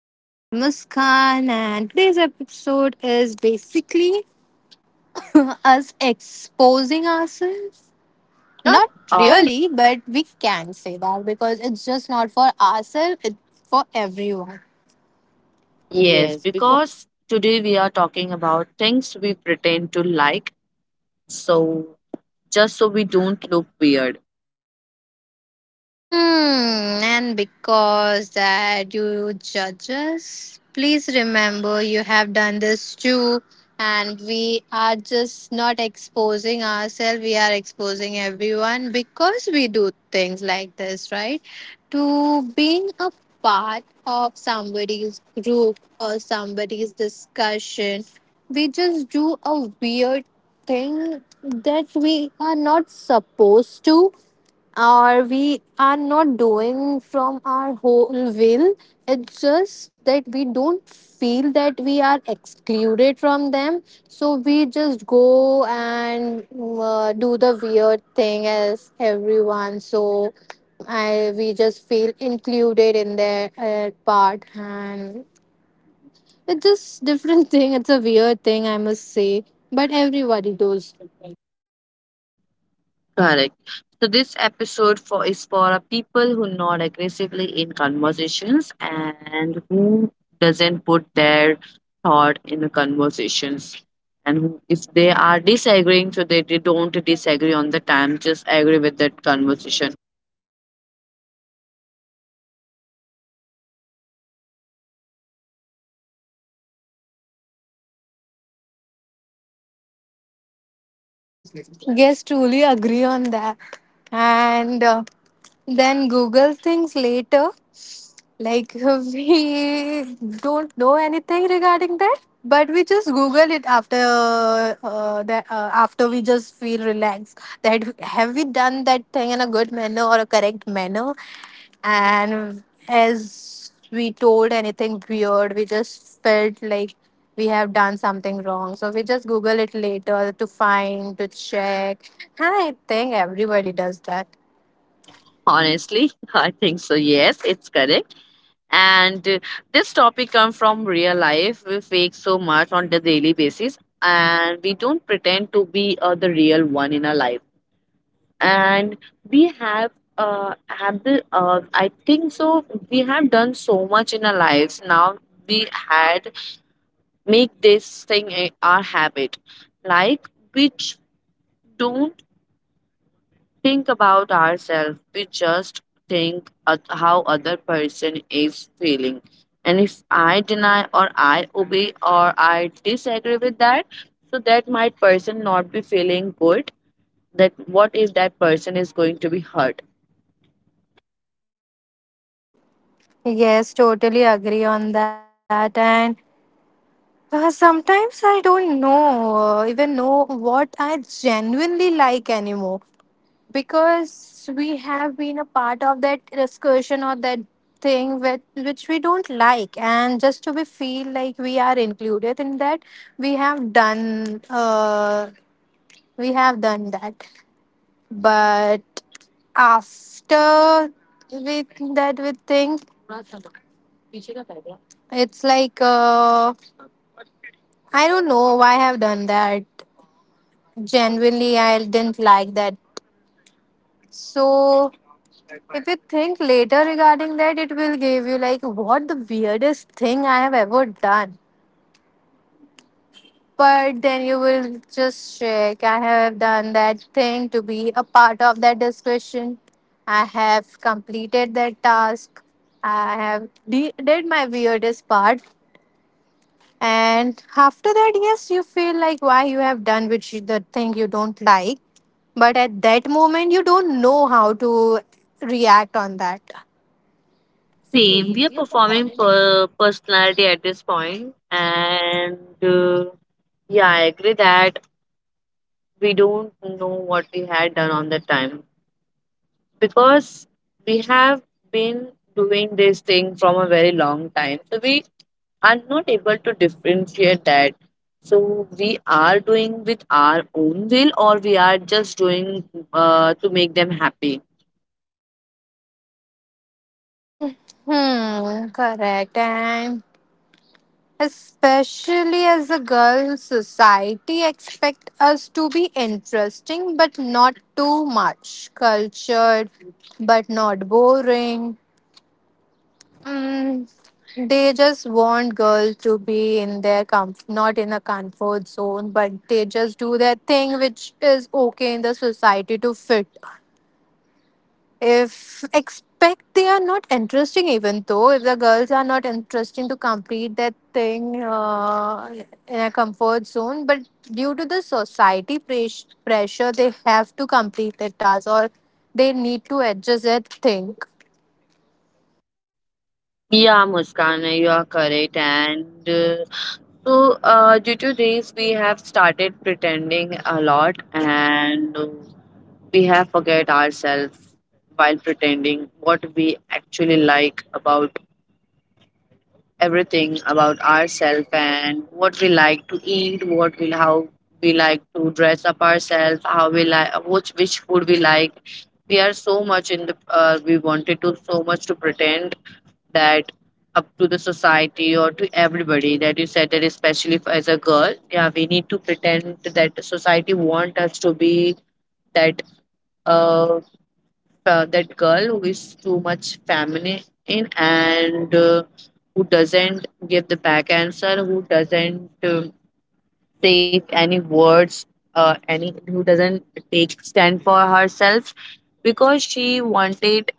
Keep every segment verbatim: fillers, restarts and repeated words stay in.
And I'm Muskan, and today's episode is basically us exposing ourselves. Not Not Uh, really. really, but we can say that because it's just not for ourselves, it's for everyone. Yes, because today we are talking about things we pretend to like, so just so we don't look weird. Hmm, and because that you judge us, please remember you have done this too, and we are just not exposing ourselves, we are exposing everyone because we do things like this, right? To being a part of somebody's group or somebody's discussion, we just do a weird thing that we are not supposed to or we are not doing from our whole will. It's just that we don't feel that we are excluded from them. So we just go and mm, uh, do the weird thing as everyone. So I, we just feel included in their uh, part. And it's just different thing. It's a weird thing, I must say. But everybody does. Correct. So this episode for is for a people who nod aggressively in conversations and who doesn't put their thought in the conversations. And who- if they are disagreeing, so they, they don't disagree on the time, just agree with that conversation. Yes, truly agree on that. And. Uh, then Google things later. Like we don't know anything regarding that, but we just Google it after uh, that. Uh, after we just feel relaxed. That have we done that thing in a good manner or a correct manner? And as we told anything weird, we just felt like we have done something wrong. So we just Google it later to find to check. And I think everybody does that. Honestly, I think so. Yes, it's correct. And uh, this topic comes from real life. We fake so much on the daily basis, and we don't pretend to be uh, the real one in our life. And we have uh have the uh I think so. We have done so much in our lives. Now we had make this thing a, our habit, like which don't think about ourselves. We just think at how other person is feeling. And if I deny or I obey or I disagree with that, so that might person not be feeling good. That what if that person is going to be hurt? Yes, totally agree on that. And uh, sometimes I don't know, uh, even know what I genuinely like anymore because we have been a part of that discussion or that thing with, which we don't like. And just to be feel like we are included in that, we have done, uh, we have done that. But after with that, we think it's like, uh, I don't know why I have done that. Genuinely, I didn't like that. So, if you think later regarding that, it will give you like what the weirdest thing I have ever done. But then you will just check. I have done that thing to be a part of that discussion. I have completed that task. I have de- did my weirdest part. And after that, yes, you feel like why you have done which you- the thing you don't like. But at that moment, you don't know how to react on that. Same. We are performing per- personality at this point, and uh, yeah, I agree that we don't know what we had done on that time, because we have been doing this thing from a very long time, so we are not able to differentiate that, so we are doing with our own will or we are just doing uh, to make them happy. Hmm, correct. And especially as a girl, society expect us to be interesting, but not too much. Cultured, but not boring. Mm, they just want girls to be in their comf- not in a comfort zone, but they just do their thing, which is okay in the society to fit. If expect they are not interesting, even though if the girls are not interesting to complete that thing uh, in a comfort zone, but due to the society pres- pressure, they have to complete that task or they need to adjust that thing. Yeah, Muskan, you are correct. And uh, so, uh, due to this, we have started pretending a lot, and uh, we have forget ourselves while pretending what we actually like about everything about ourselves and what we like to eat, what we how we like to dress up ourselves, how we like which which food we like. We are so much in the uh, we wanted to so much to pretend that up to the society or to everybody that you said that especially if, as a girl, yeah, we need to pretend that the society want us to be that. Uh, uh, that girl who is too much feminine and uh, who doesn't give the back answer, who doesn't uh, take any words, uh, any who doesn't take stand for herself because she wanted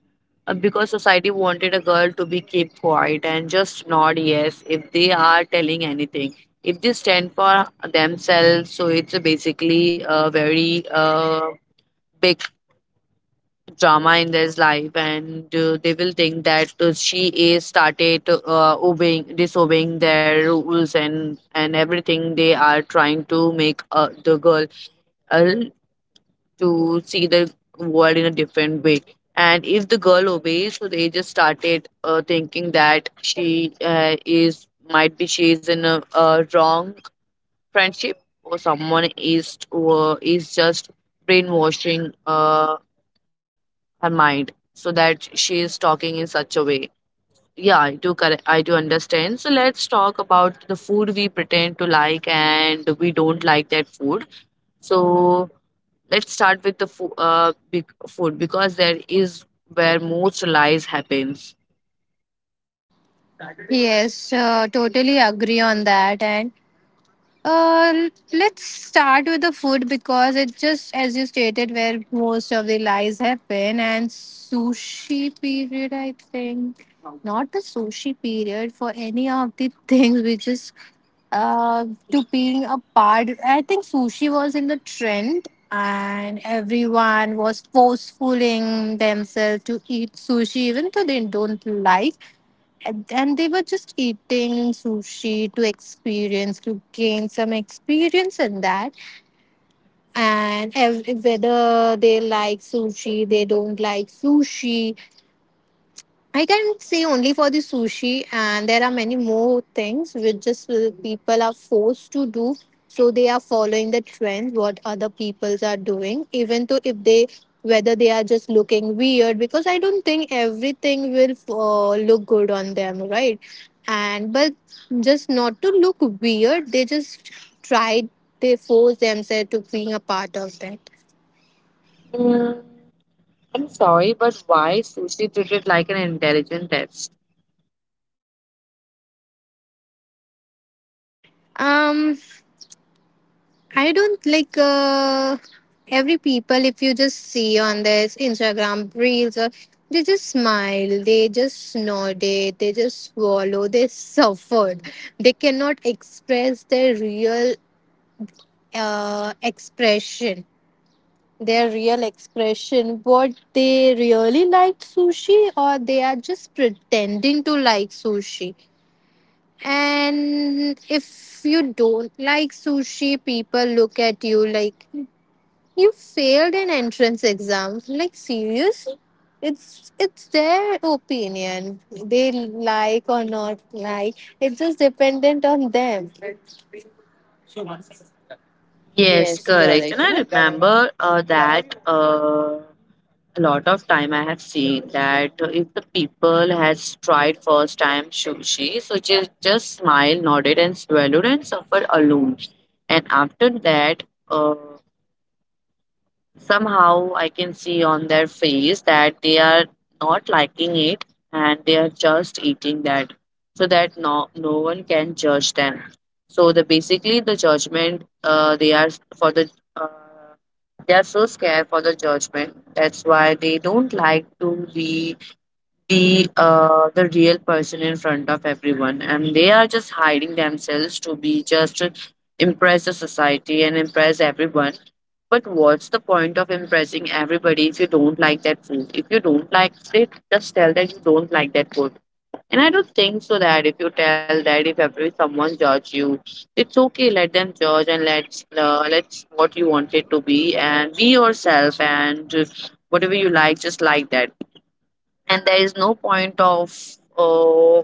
uh, because society wanted a girl to be keep quiet and just nod yes if they are telling anything, if they stand for themselves. So it's a basically a very uh, big drama in his life, and uh, they will think that uh, she is started uh, obeying disobeying their rules, and and everything they are trying to make uh, the girl uh, to see the world in a different way. And if the girl obeys, so they just started uh, thinking that she uh, is might be she is in a, a wrong friendship, or someone is uh, is just brainwashing uh, her mind, so that she is talking in such a way. Yeah, I do correct. I do understand. So let's talk about the food we pretend to like and we don't like that food. So let's start with the fo- uh, big food because there is where most lies happens. Yes, uh, totally agree on that. And Uh, let's start with the food because it just, as you stated, where most of the lies happen. And sushi period, I think, not the sushi period for any of the things we just uh, to being a part. I think sushi was in the trend, and everyone was forcefulling themselves to eat sushi, even though they don't like and and they were just eating sushi to experience to gain some experience in that and ev- whether they like sushi they don't like sushi I can say only for the sushi, and there are many more things which just uh, people are forced to do. So they are following the trend what other peoples are doing, even though if they whether they are just looking weird because I don't think everything will uh, look good on them, right? And but just not to look weird, they just try they force themselves to being a part of that. Mm, I'm sorry, but why sushi treated like an intelligent test? Um, I don't like uh, every people. If you just see on this Instagram reels, or they just smile, they just nod it, they just swallow, they suffered. They cannot express their real uh, expression, their real expression. What they really like sushi, or they are just pretending to like sushi. And if you don't like sushi, people look at you like you failed an entrance exam. Like serious? It's it's their opinion. They like or not like. It's just dependent on them. Yes, correct. And I remember uh, that. Uh, A lot of time I have seen that if the people has tried first time sushi, so just just smiled, nodded, and swallowed and suffered alone. And after that, uh, somehow I can see on their face that they are not liking it, and they are just eating that so that no, no one can judge them. So the basically the judgment uh, they are for the uh, they are so scared for the judgment. That's why they don't like to be be uh, the real person in front of everyone, and they are just hiding themselves to be just to impress the society and impress everyone. But what's the point of impressing everybody if you don't like that food? If you don't like it, just tell that you don't like that food. And I don't think so that if you tell that if every someone judge you, it's okay. Let them judge, and let's uh, let's what you want it to be and be yourself, and uh, whatever you like, just like that. And there is no point of uh,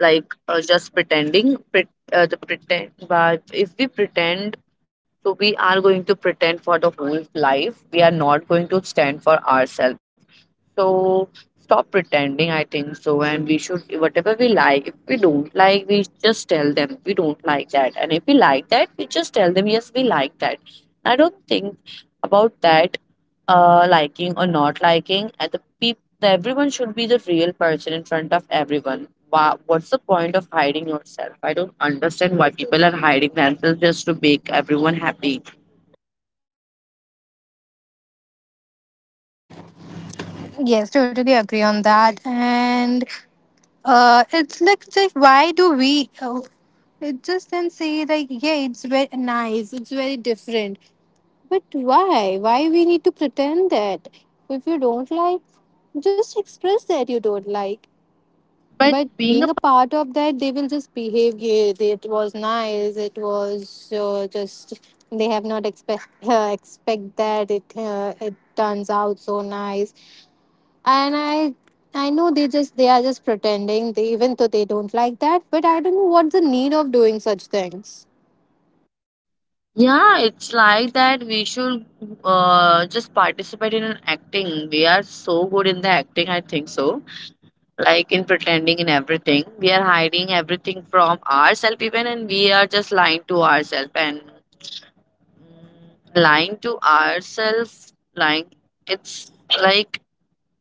like uh, just pretending pret uh, the pretend but if we pretend, so we are going to pretend for the whole life, we are not going to stand for ourselves. So stop pretending, I think so. And we should, whatever we like, if we don't like, we just tell them we don't like that. And if we like that, we just tell them, yes, we like that. I don't think about that uh, liking or not liking. At the peop- the everyone should be the real person in front of everyone. Wha what's the point of hiding yourself? I don't understand why people are hiding themselves just to make everyone happy. Yes, totally agree on that. And uh, it's like just why do we? Oh, it just then say like yeah, it's very nice. It's very different. But why? Why we need to pretend that if you don't like, just express that you don't like. But But being being a part of that, they will just behave. Yeah, they- it was nice. It was uh, just they have not expect uh, expect that it uh, it turns out so nice. And I I know they just they are just pretending. They even though they don't like that, but I don't know what the need of doing such things. Yeah, it's like that we should uh, just participate in acting. We are so good in the acting, I think so. Like in pretending in everything. We are hiding everything from ourselves even, and we are just lying to ourselves and mm, lying to ourselves lying it's like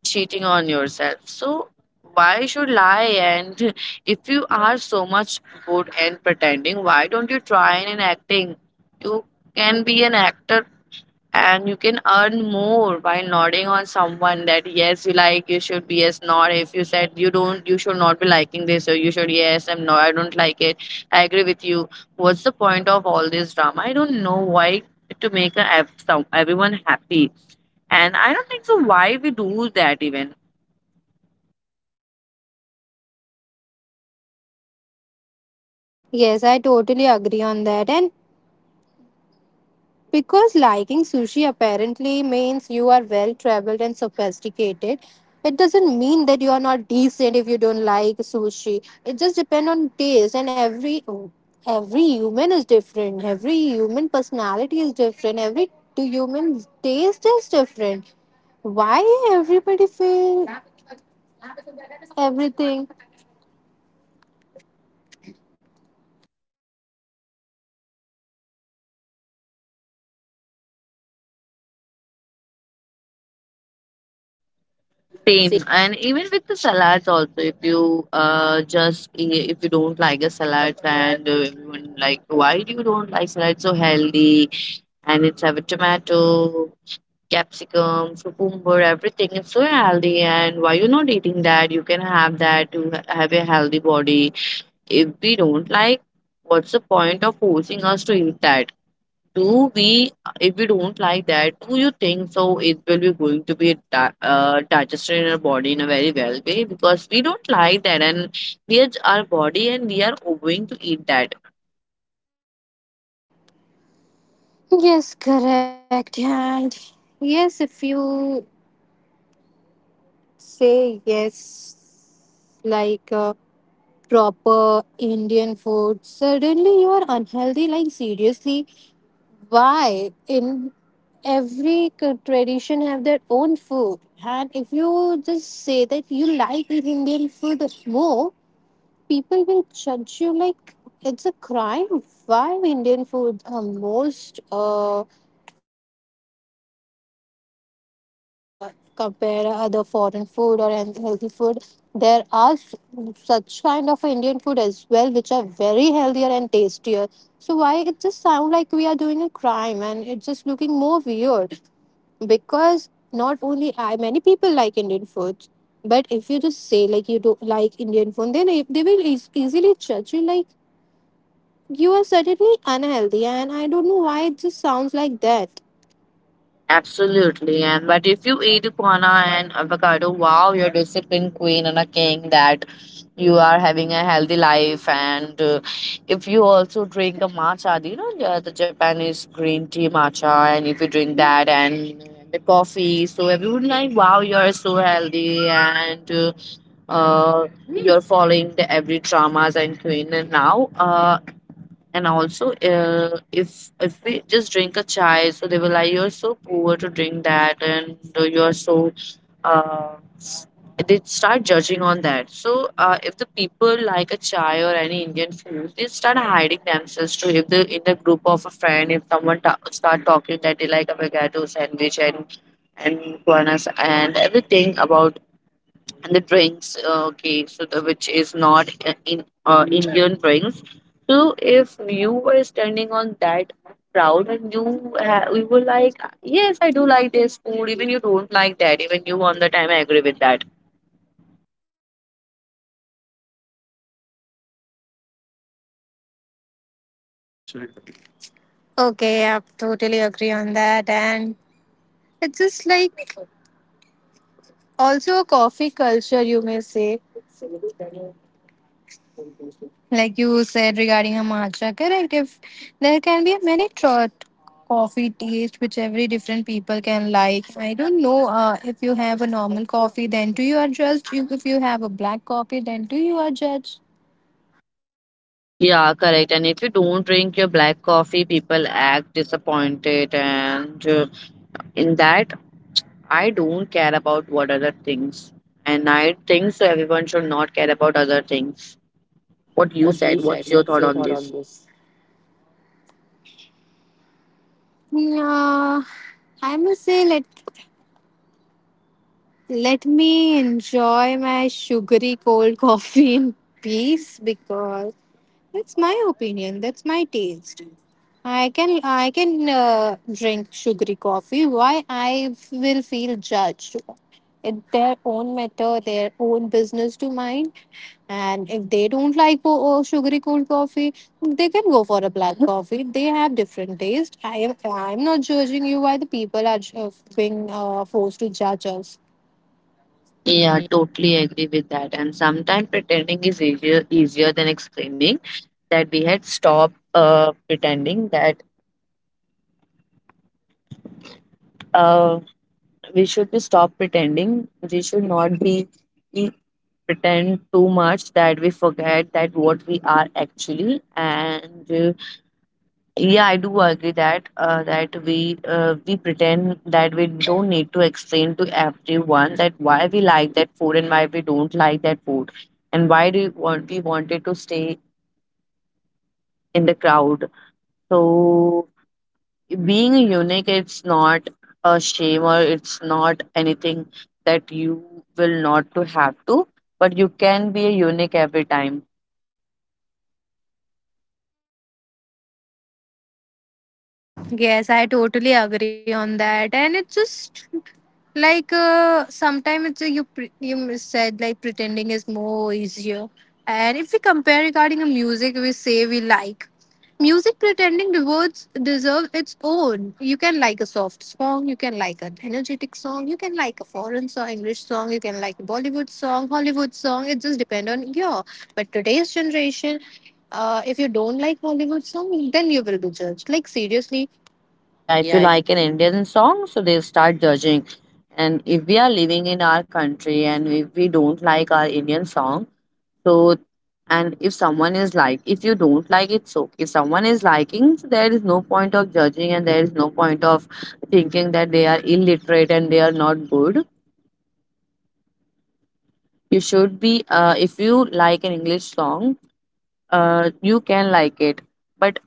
cheating on yourself. So why should lie? And if you are so much good and pretending, why don't you try in acting? You can be an actor, and you can earn more by nodding on someone that yes you like you should be yes not if you said you don't you should not be liking this or you should yes I'm no I don't like it I agree with you. What's the point of all this drama? I don't know why, to make a, ev- some, everyone happy, and I don't think so why we do that even. Yes, I totally agree on that. And because liking sushi apparently means you are well traveled and sophisticated. It doesn't mean that you are not decent if you don't like sushi. It just depends on taste and every every human is different. Every human personality is different. Every t- human taste is different. Why everybody feel everything? Same, and even with the salads also, if you uh just i- if you don't like a salad and uh, everyone like why do you don't like salad so healthy and it's have a tomato, capsicum, cucumber, everything. It's so healthy, and why you not eating that? You can have that to ha- have a healthy body. If we don't like, what's the point of forcing us to eat that? Do we, if we don't like that, do you think so it will be going to be di- uh, digested in our body in a very well way because we don't like that, and we are our body and we are going to eat that. Yes, correct. And yes, if you say yes, like uh, proper Indian food. Suddenly you are unhealthy. Like seriously, why? In every c- tradition have their own food, and if you just say that you like Indian food more, people will judge you like it's a crime. Why Indian food are most uh, tastier if we uh, compare other foreign food or an- healthy food. There are s- such kind of Indian food as well, which are very healthier and tastier. So why it just sound like we are doing a crime and it's just looking more weird because not only I, many people like Indian foods. But if you just say like you don't like Indian food, then if they will eas- easily judge you like you are certainly unhealthy, and I don't know why it just sounds like that. Absolutely, and but if you eat guana and avocado, wow, you're disciplined queen and a king. That you are having a healthy life, and uh, if you also drink a matcha, do you know the, the Japanese green tea matcha, and if you drink that and the coffee, so everyone like, wow, you're so healthy, and uh, uh, you're following the every dramas and queen. And now, uh, and also, uh, if if we just drink a chai, so they will like, "You're so poor to drink that," and uh, you're so. Uh, they start judging on that. So, uh, if the people like a chai or any Indian food, they start hiding themselves too. If they in the group of a friend, if someone ta- start talking that they like avocado sandwich and and guanas and everything about and the drinks uh, okay so the, which is not uh, in uh, indian drinks, so if you were standing on that crowd and you ha- you were like yes I do like this food even you don't like that even you on the time I agree with that. Okay, I totally agree on that. And it's just like also a coffee culture, you may say, like you said regarding a matcha, correct? If there can be many tro- coffee taste which every different people can like. I don't know uh, if you have a normal coffee, then too you are judged. You- If you have a black coffee, then too you are judged. Yeah, correct, and if you don't drink your black coffee, people act disappointed, and uh, in that, I don't care about what other things, and I think so everyone should not care about other things. What you said, what's your thought on this? Uh, I must say, let let me enjoy my sugary cold coffee in peace because that's my opinion. That's my taste. I can I can uh, drink sugary coffee. Why I will feel judged? It's their own matter, their own business to mind. And if they don't like oh, oh, sugary cold coffee, they can go for a black coffee. They have different taste. I am I'm not judging you. Why the people are ju- being uh, forced to judge us? Yeah, totally agree with that. And sometimes pretending is easier easier than explaining that we had stopped uh, pretending that uh, we should be stop pretending. We should not be we pretend too much that we forget that what we are actually. And uh, yeah, I do agree that uh, that we uh, we pretend that we don't need to explain to everyone that why we like that food and why we don't like that food, and why do you want we wanted to stay in the crowd. So being unique, it's not a shame or it's not anything that you will not to have to, but you can be a unique every time. Yes, I totally agree on that. And it's just like uh, sometimes it's, uh, you pre- you said like pretending is more easier. And if we compare regarding a music, we say we like music pretending rewards deserves its own. You can like a soft song, you can like an energetic song, you can like a foreign song, English song, you can like a Bollywood song, Hollywood song. It just depends on your. But today's generation, uh, if you don't like Hollywood song, then you will be judged. Like seriously, Yeah, if you like an Indian song, so they start judging. And if we are living in our country and if we don't like our Indian song, So, and if someone is like, if you don't like it, so if someone is liking, so there is no point of judging and there is no point of thinking that they are illiterate and they are not good. You should be, uh, if you like an English song, uh, you can like it. But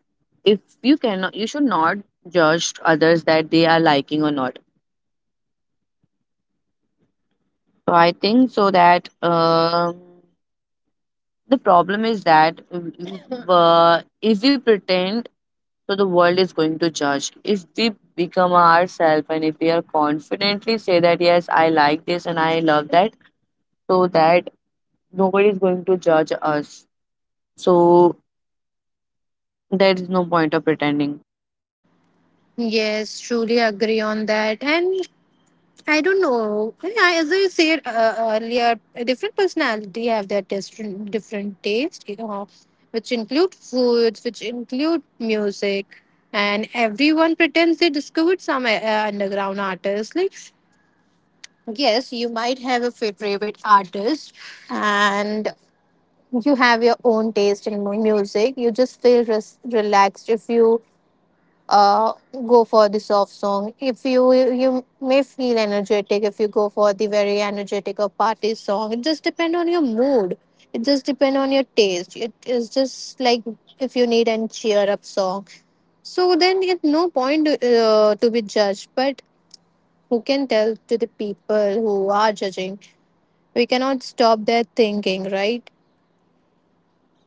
if you cannot, you should not judge others that they are liking or not. So I think so that um, the problem is that uh, if we pretend so the world is going to judge. If we become ourselves and if we are confidently say that yes, I like this and I love that, so that nobody is going to judge us. So there is no point of pretending. yes, truly agree on that. And I don't know. I, as I said uh, earlier, a different personality have their different different taste, you know, which include foods, which include music, and everyone pretends they discovered some uh, underground artists. Like, yes, you might have a fa- favorite artist, and you have your own taste in mu- music. You just feel res- relaxed if you uh, go for the soft song. If you you may feel energetic if you go for the very energetic or party song. It just depend on your mood. It just depend on your taste. It is just like if you need an cheer up song. So then it no point uh, to be judged. But who can tell to the people who are judging? We cannot stop their thinking, right?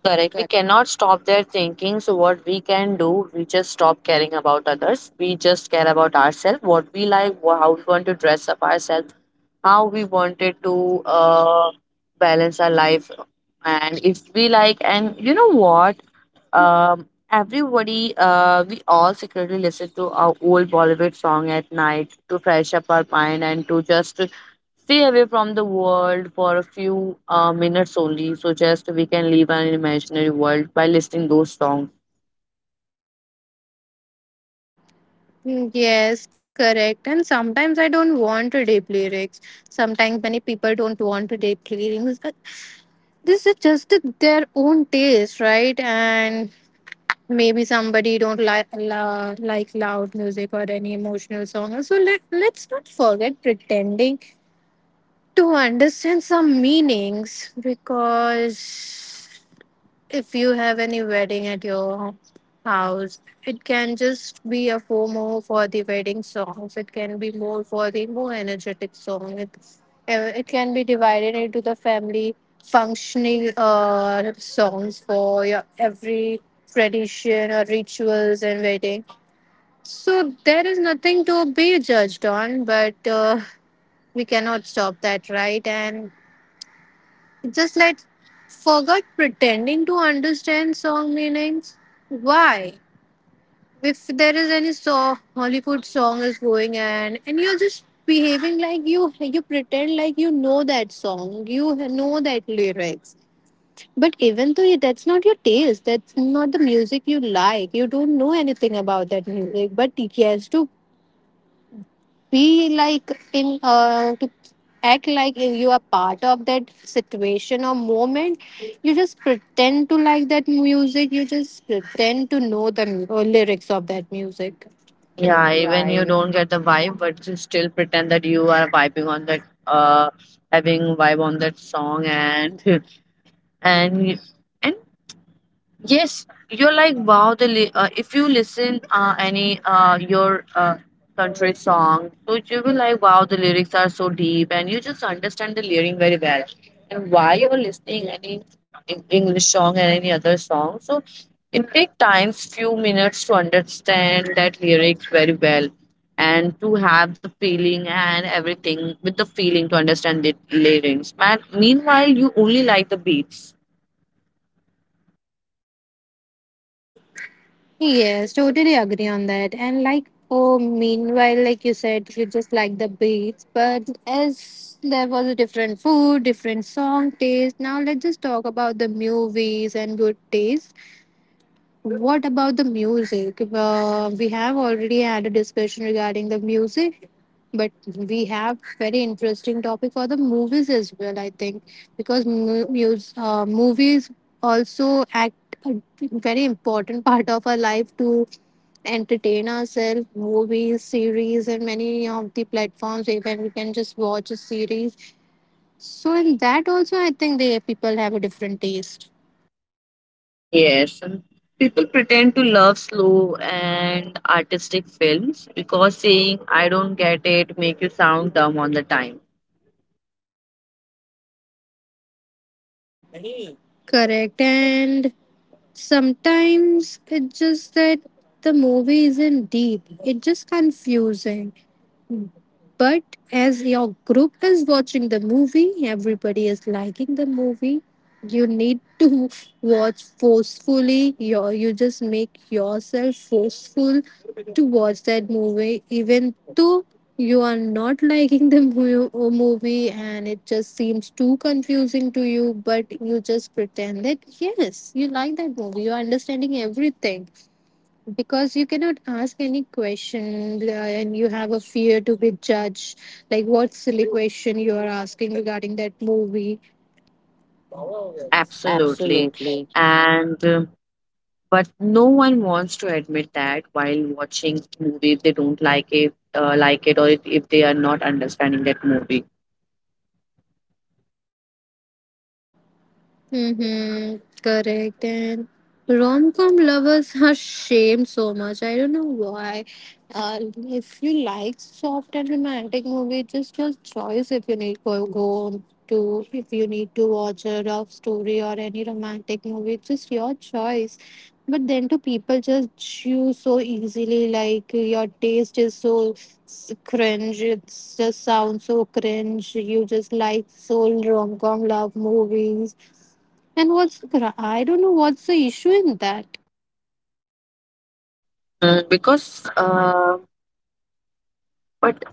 Correct. We cannot stop their thinking. So what we can do, we just stop caring about others. We just care about ourselves, what we like, wha- how we want to dress up ourselves, how we wanted to uh, balance our life, and if we like, and you know what, um everybody, uh we all secretly listen to our old Bollywood song at night to fresh up our mind and to just stay away from the world for a few uh, minutes only, so just we can live an imaginary world by listening those songs. Mm, Yes, correct. And sometimes I don't want to deep lyrics. Sometimes many people don't want to deep lyrics. But this is just their own taste, right? And maybe somebody don't like la- like loud music or any emotional song. So let let's not forget pretending to understand some meanings because if you have any wedding at your house, it can just be a four more for the wedding songs. It can be more for the more energetic song. It, uh, it can be divided into the family functioning uh, songs for your every tradition or rituals and wedding. So there is nothing to be judged on, but uh, we cannot stop that, right? And just like forgot pretending to understand song meanings. Why? If there is any song, Hollywood song is going and and you're just behaving like you you pretend like you know that song, you know that lyrics. But even though that's not your taste, that's not the music you like. You don't know anything about that music. But yes, to be like in uh, to act like you are part of that situation or moment, you just pretend to like that music, you just pretend to know the mu- or lyrics of that music. Yeah, even you don't get the vibe but you still pretend that you are vibing on that, uh having vibe on that song, and and and yes, you're like wow. The li- uh, if you listen uh, any uh, your uh, country song, so you will like wow, the lyrics are so deep, and you just understand the lyric very well. And why you're listening any Eng- English song and any other song, so it takes times few minutes to understand that lyrics very well, and to have the feeling and everything with the feeling to understand the lyrics. Man, meanwhile, you only like the beats. Yes, totally agree on that. And like, oh, meanwhile, like you said, you just like the beats, but as there was a different food, different song taste, now let's just talk about the movies and good taste. What about the music? Uh, we have already had a discussion regarding the music, but we have very interesting topic for the movies as well. I think because mu- mus- uh, movies also act a very important part of our life to entertain ourselves. Movies, series, and many of the platforms, even we can just watch a series. So in that also, I think the people have a different taste. Yes, and people pretend to love slow and artistic films because saying I don't get it make you sound dumb on the time. Correct. And sometimes it's just that the movie isn't deep, it's just confusing. But as your group is watching the movie, everybody is liking the movie. You need to watch forcefully. Your you just make yourself forceful to watch that movie, even though you are not liking the mu- uh, movie, and it just seems too confusing to you, but you just pretend that yes, you like that movie, you are understanding everything because you cannot ask any question, uh, and you have a fear to be judged. Like, what silly question you are asking regarding that movie. Absolutely. And uh, but no one wants to admit that while watching movie they don't like it, uh, like it, or if if they are not understanding that movie. Mm-hmm. Correct. And rom com lovers are shamed so much. I don't know why. Uh, if you like soft and romantic movie, just your choice, if you need go, go on to, if you need to watch a love story or any romantic movie, it's just your choice. But then to people just choose so easily, like your taste is so s- cringe. It just sounds so cringe. You just like so rom com love movies, and what's the, cra- I don't know what's the issue in that. Mm, because uh, but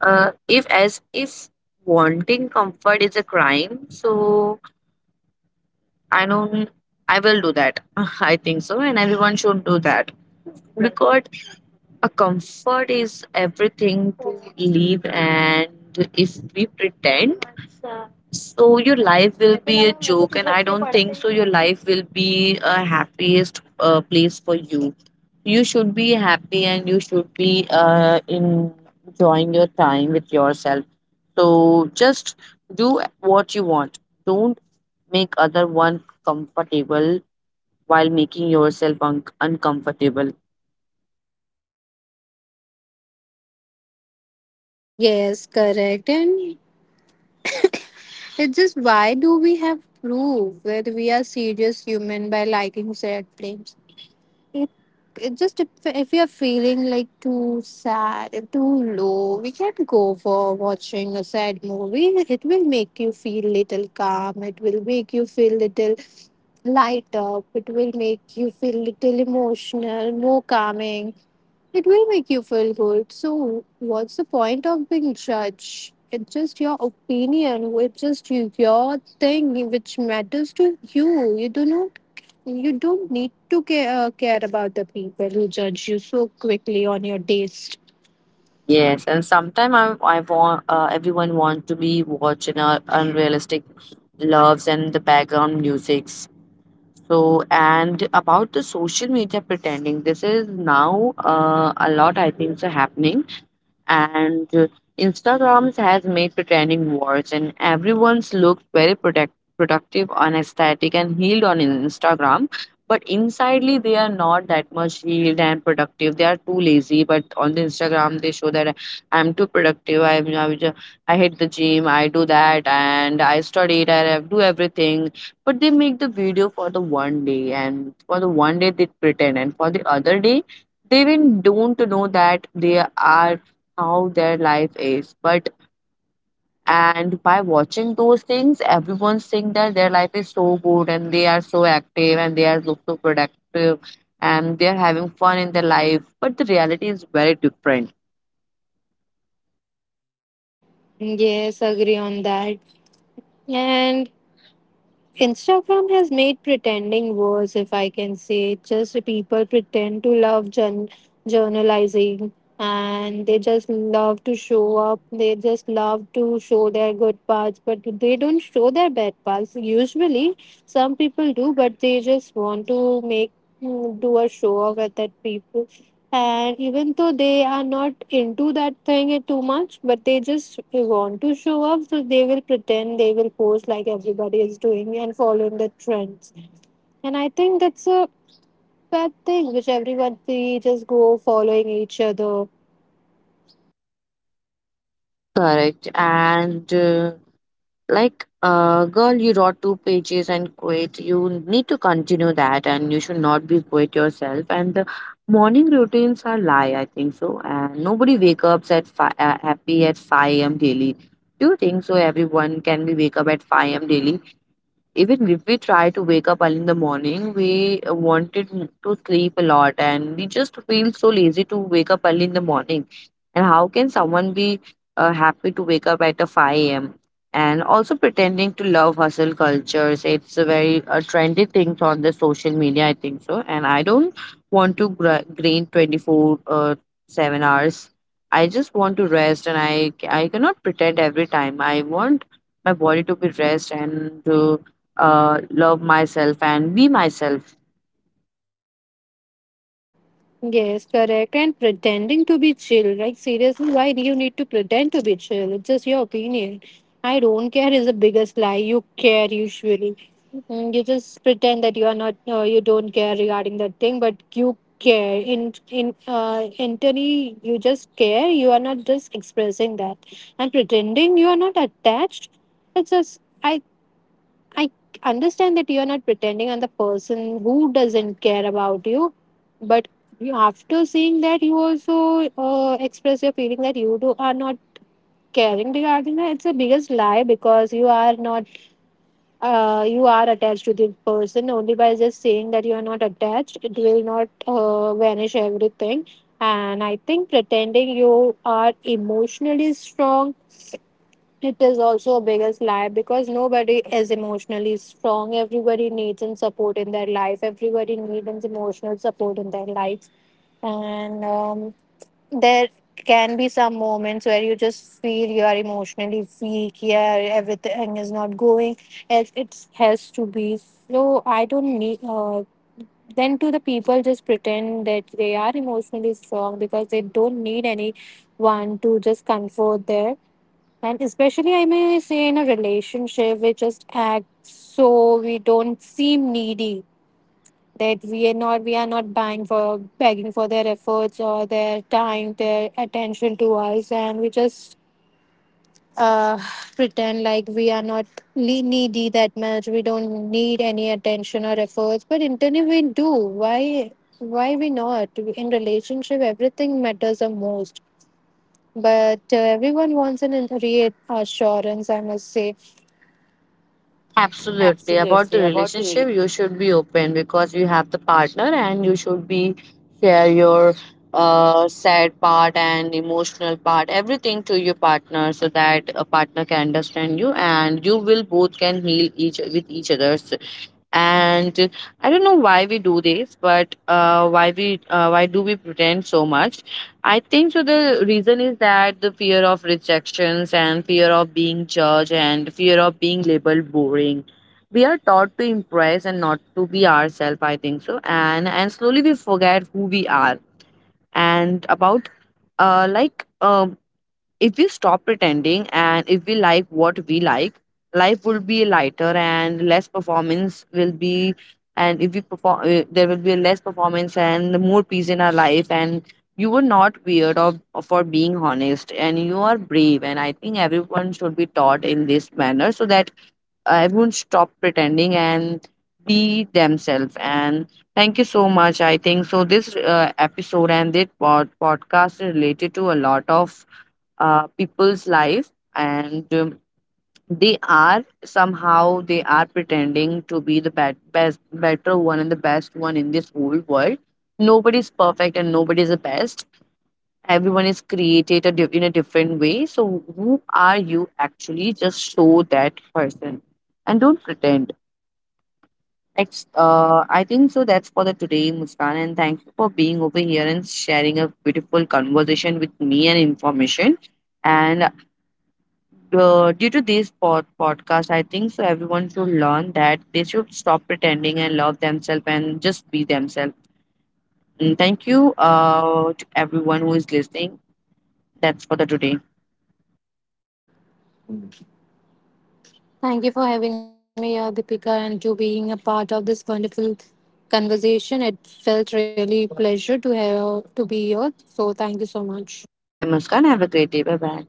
uh, if as if wanting comfort is a crime, so I don't, I will do that. I think so. And everyone should do that. Because a comfort is everything to live, and if we pretend, so your life will be a joke, and I don't think so your life will be a happiest uh, place for you. You should be happy and you should be uh, in- enjoying your time with yourself. So just do what you want. Don't make other one comfortable while making yourself un- uncomfortable. Yes, correct. And it's just, why do we have proof whether we are serious human by liking sad films? It, it just if, if we are feeling like too sad, too low, we can go for watching a sad movie. It will make you feel little calm. It will make you feel little light up. It will make you feel little emotional, more calming. It will make you feel good. So, what's the point of being judged? It's just your opinion. It's just you- your thing which matters to you. You do not. You don't need to care, uh, care about the people who judge you so quickly on your taste. Yes, and sometimes I, I want, uh, everyone want to be watching uh, unrealistic loves and the background musics. So and about the social media pretending, this is now uh, a lot I think so happening, and uh, Instagrams has made pretending worse, and everyone's looks very protect- productive on aesthetic and healed on in- Instagram. But insidely, they are not that much healed and productive. They are too lazy. But on the Instagram, they show that I'm too productive. I'm, I, will ju- I hit the gym. I do that, and I study. It, I do everything. But they make the video for the one day, and for the one day they pretend, and for the other day they even don't know that they are how their life is, but and by watching those things everyone's saying that their life is so good and they are so active and they are look so productive and they are having fun in their life, but the reality is very different. Yes, agree on that. And Instagram has made pretending worse, if I can say. Just people pretend to love journ- journalizing, and they just love to show up. They just love to show their good parts, but they don't show their bad parts. Usually, some people do, but they just want to make, mm, do a show off at that people, and even though they are not into that thing it too much, but they just want to show up, so they will pretend, they will post like everybody is doing and following the trends. And I think that's a bad thing, which everyone we just go following each other. Correct, and uh, like, uh, girl, you wrote two pages and quit. You need to continue that, and you should not be quit yourself. And the morning routines are lie, I think so. And nobody wake ups at fi- uh, happy at five a m daily. Do you think so? Everyone can be wake up at five a m daily? Even if we try to wake up early in the morning, we wanted to sleep a lot and we just feel so lazy to wake up early in the morning. And how can someone be uh, happy to wake up at a five a m? And also pretending to love hustle cultures. It's a very uh, trendy thing on the social media, I think so. And I don't want to gra- grain twenty-four uh, seven hours. I just want to rest, and I, I cannot pretend every time. I want my body to be rest and to uh, love myself and be myself. Yes, correct. And pretending to be chill, like seriously, why do you need to pretend to be chill? It's just your opinion. I don't care is the biggest lie. You care usually. Mm. You just pretend that you are not, uh, you don't care regarding that thing, but you care. In in uh, Internally, you just care. You are not just expressing that, and pretending you are not attached. It's just. I. I understand that you're not pretending on the person who doesn't care about you, but you, after seeing that, you also uh, express your feeling that you do are not caring regarding that. It's a biggest lie because you are not, uh, you are attached to the person only by just saying that you are not attached. It will not uh, vanish everything. And I think pretending you are emotionally strong, it is also a biggest lie because nobody is emotionally strong. Everybody needs and support in their life. Everybody needs emotional support in their life. And um, there can be some moments where you just feel you are emotionally weak. Yeah, everything is not going as it has to be. So I don't need. Uh, then to the people just pretend that they are emotionally strong because they don't need anyone to just comfort there, and especially, I may say, in a relationship, we just act so we don't seem needy. That we are not, we are not buying for begging for their efforts or their time, their attention to us, and we just uh, pretend like we are not le- needy that much. We don't need any attention or efforts, but internally we do. Why? Why we not? In relationship, everything matters the most, but uh, everyone wants an in- reassurance, I must say. Absolutely. About the relationship, you should be open because you have the partner and you should be share your uh, sad part and emotional part, everything to your partner, so that a partner can understand you and you will both can heal each with each other. And I don't know why we do this, but uh, why we uh, why do we pretend so much. I think so the reason is that the fear of rejections, and fear of being judged, and fear of being labeled boring. We are taught to impress and not to be ourselves, I think so, and and slowly we forget who we are. And about uh, like um if we stop pretending and if we like what we like, life will be lighter and less performance will be. And if we perform, uh, there will be less performance and more peace in our life. And you were not weird of for being honest, and you are brave. And I think everyone should be taught in this manner, so that everyone stop pretending and be themselves. And thank you so much. I think so this uh, episode and this pod- podcast is related to a lot of uh, people's life, and um, they are somehow they are pretending to be the bet- best better one and the best one in this whole world. Nobody's perfect and nobody's the best. Everyone is created a di- in a different way, so who are you actually, just show that person and don't pretend. Ex- uh, I think so, that's for the today, Muskan, and thank you for being over here and sharing a beautiful conversation with me and information. And uh, due to these pod- podcasts, I think so everyone should learn that they should stop pretending and love themselves and just be themselves. And thank you uh, to everyone who is listening. That's for the today. Thank you for having me here, Deepika, and to being a part of this wonderful conversation. It felt really pleasure to have to be here. So thank you so much. Bye, Muskan. Have a great day. Bye bye.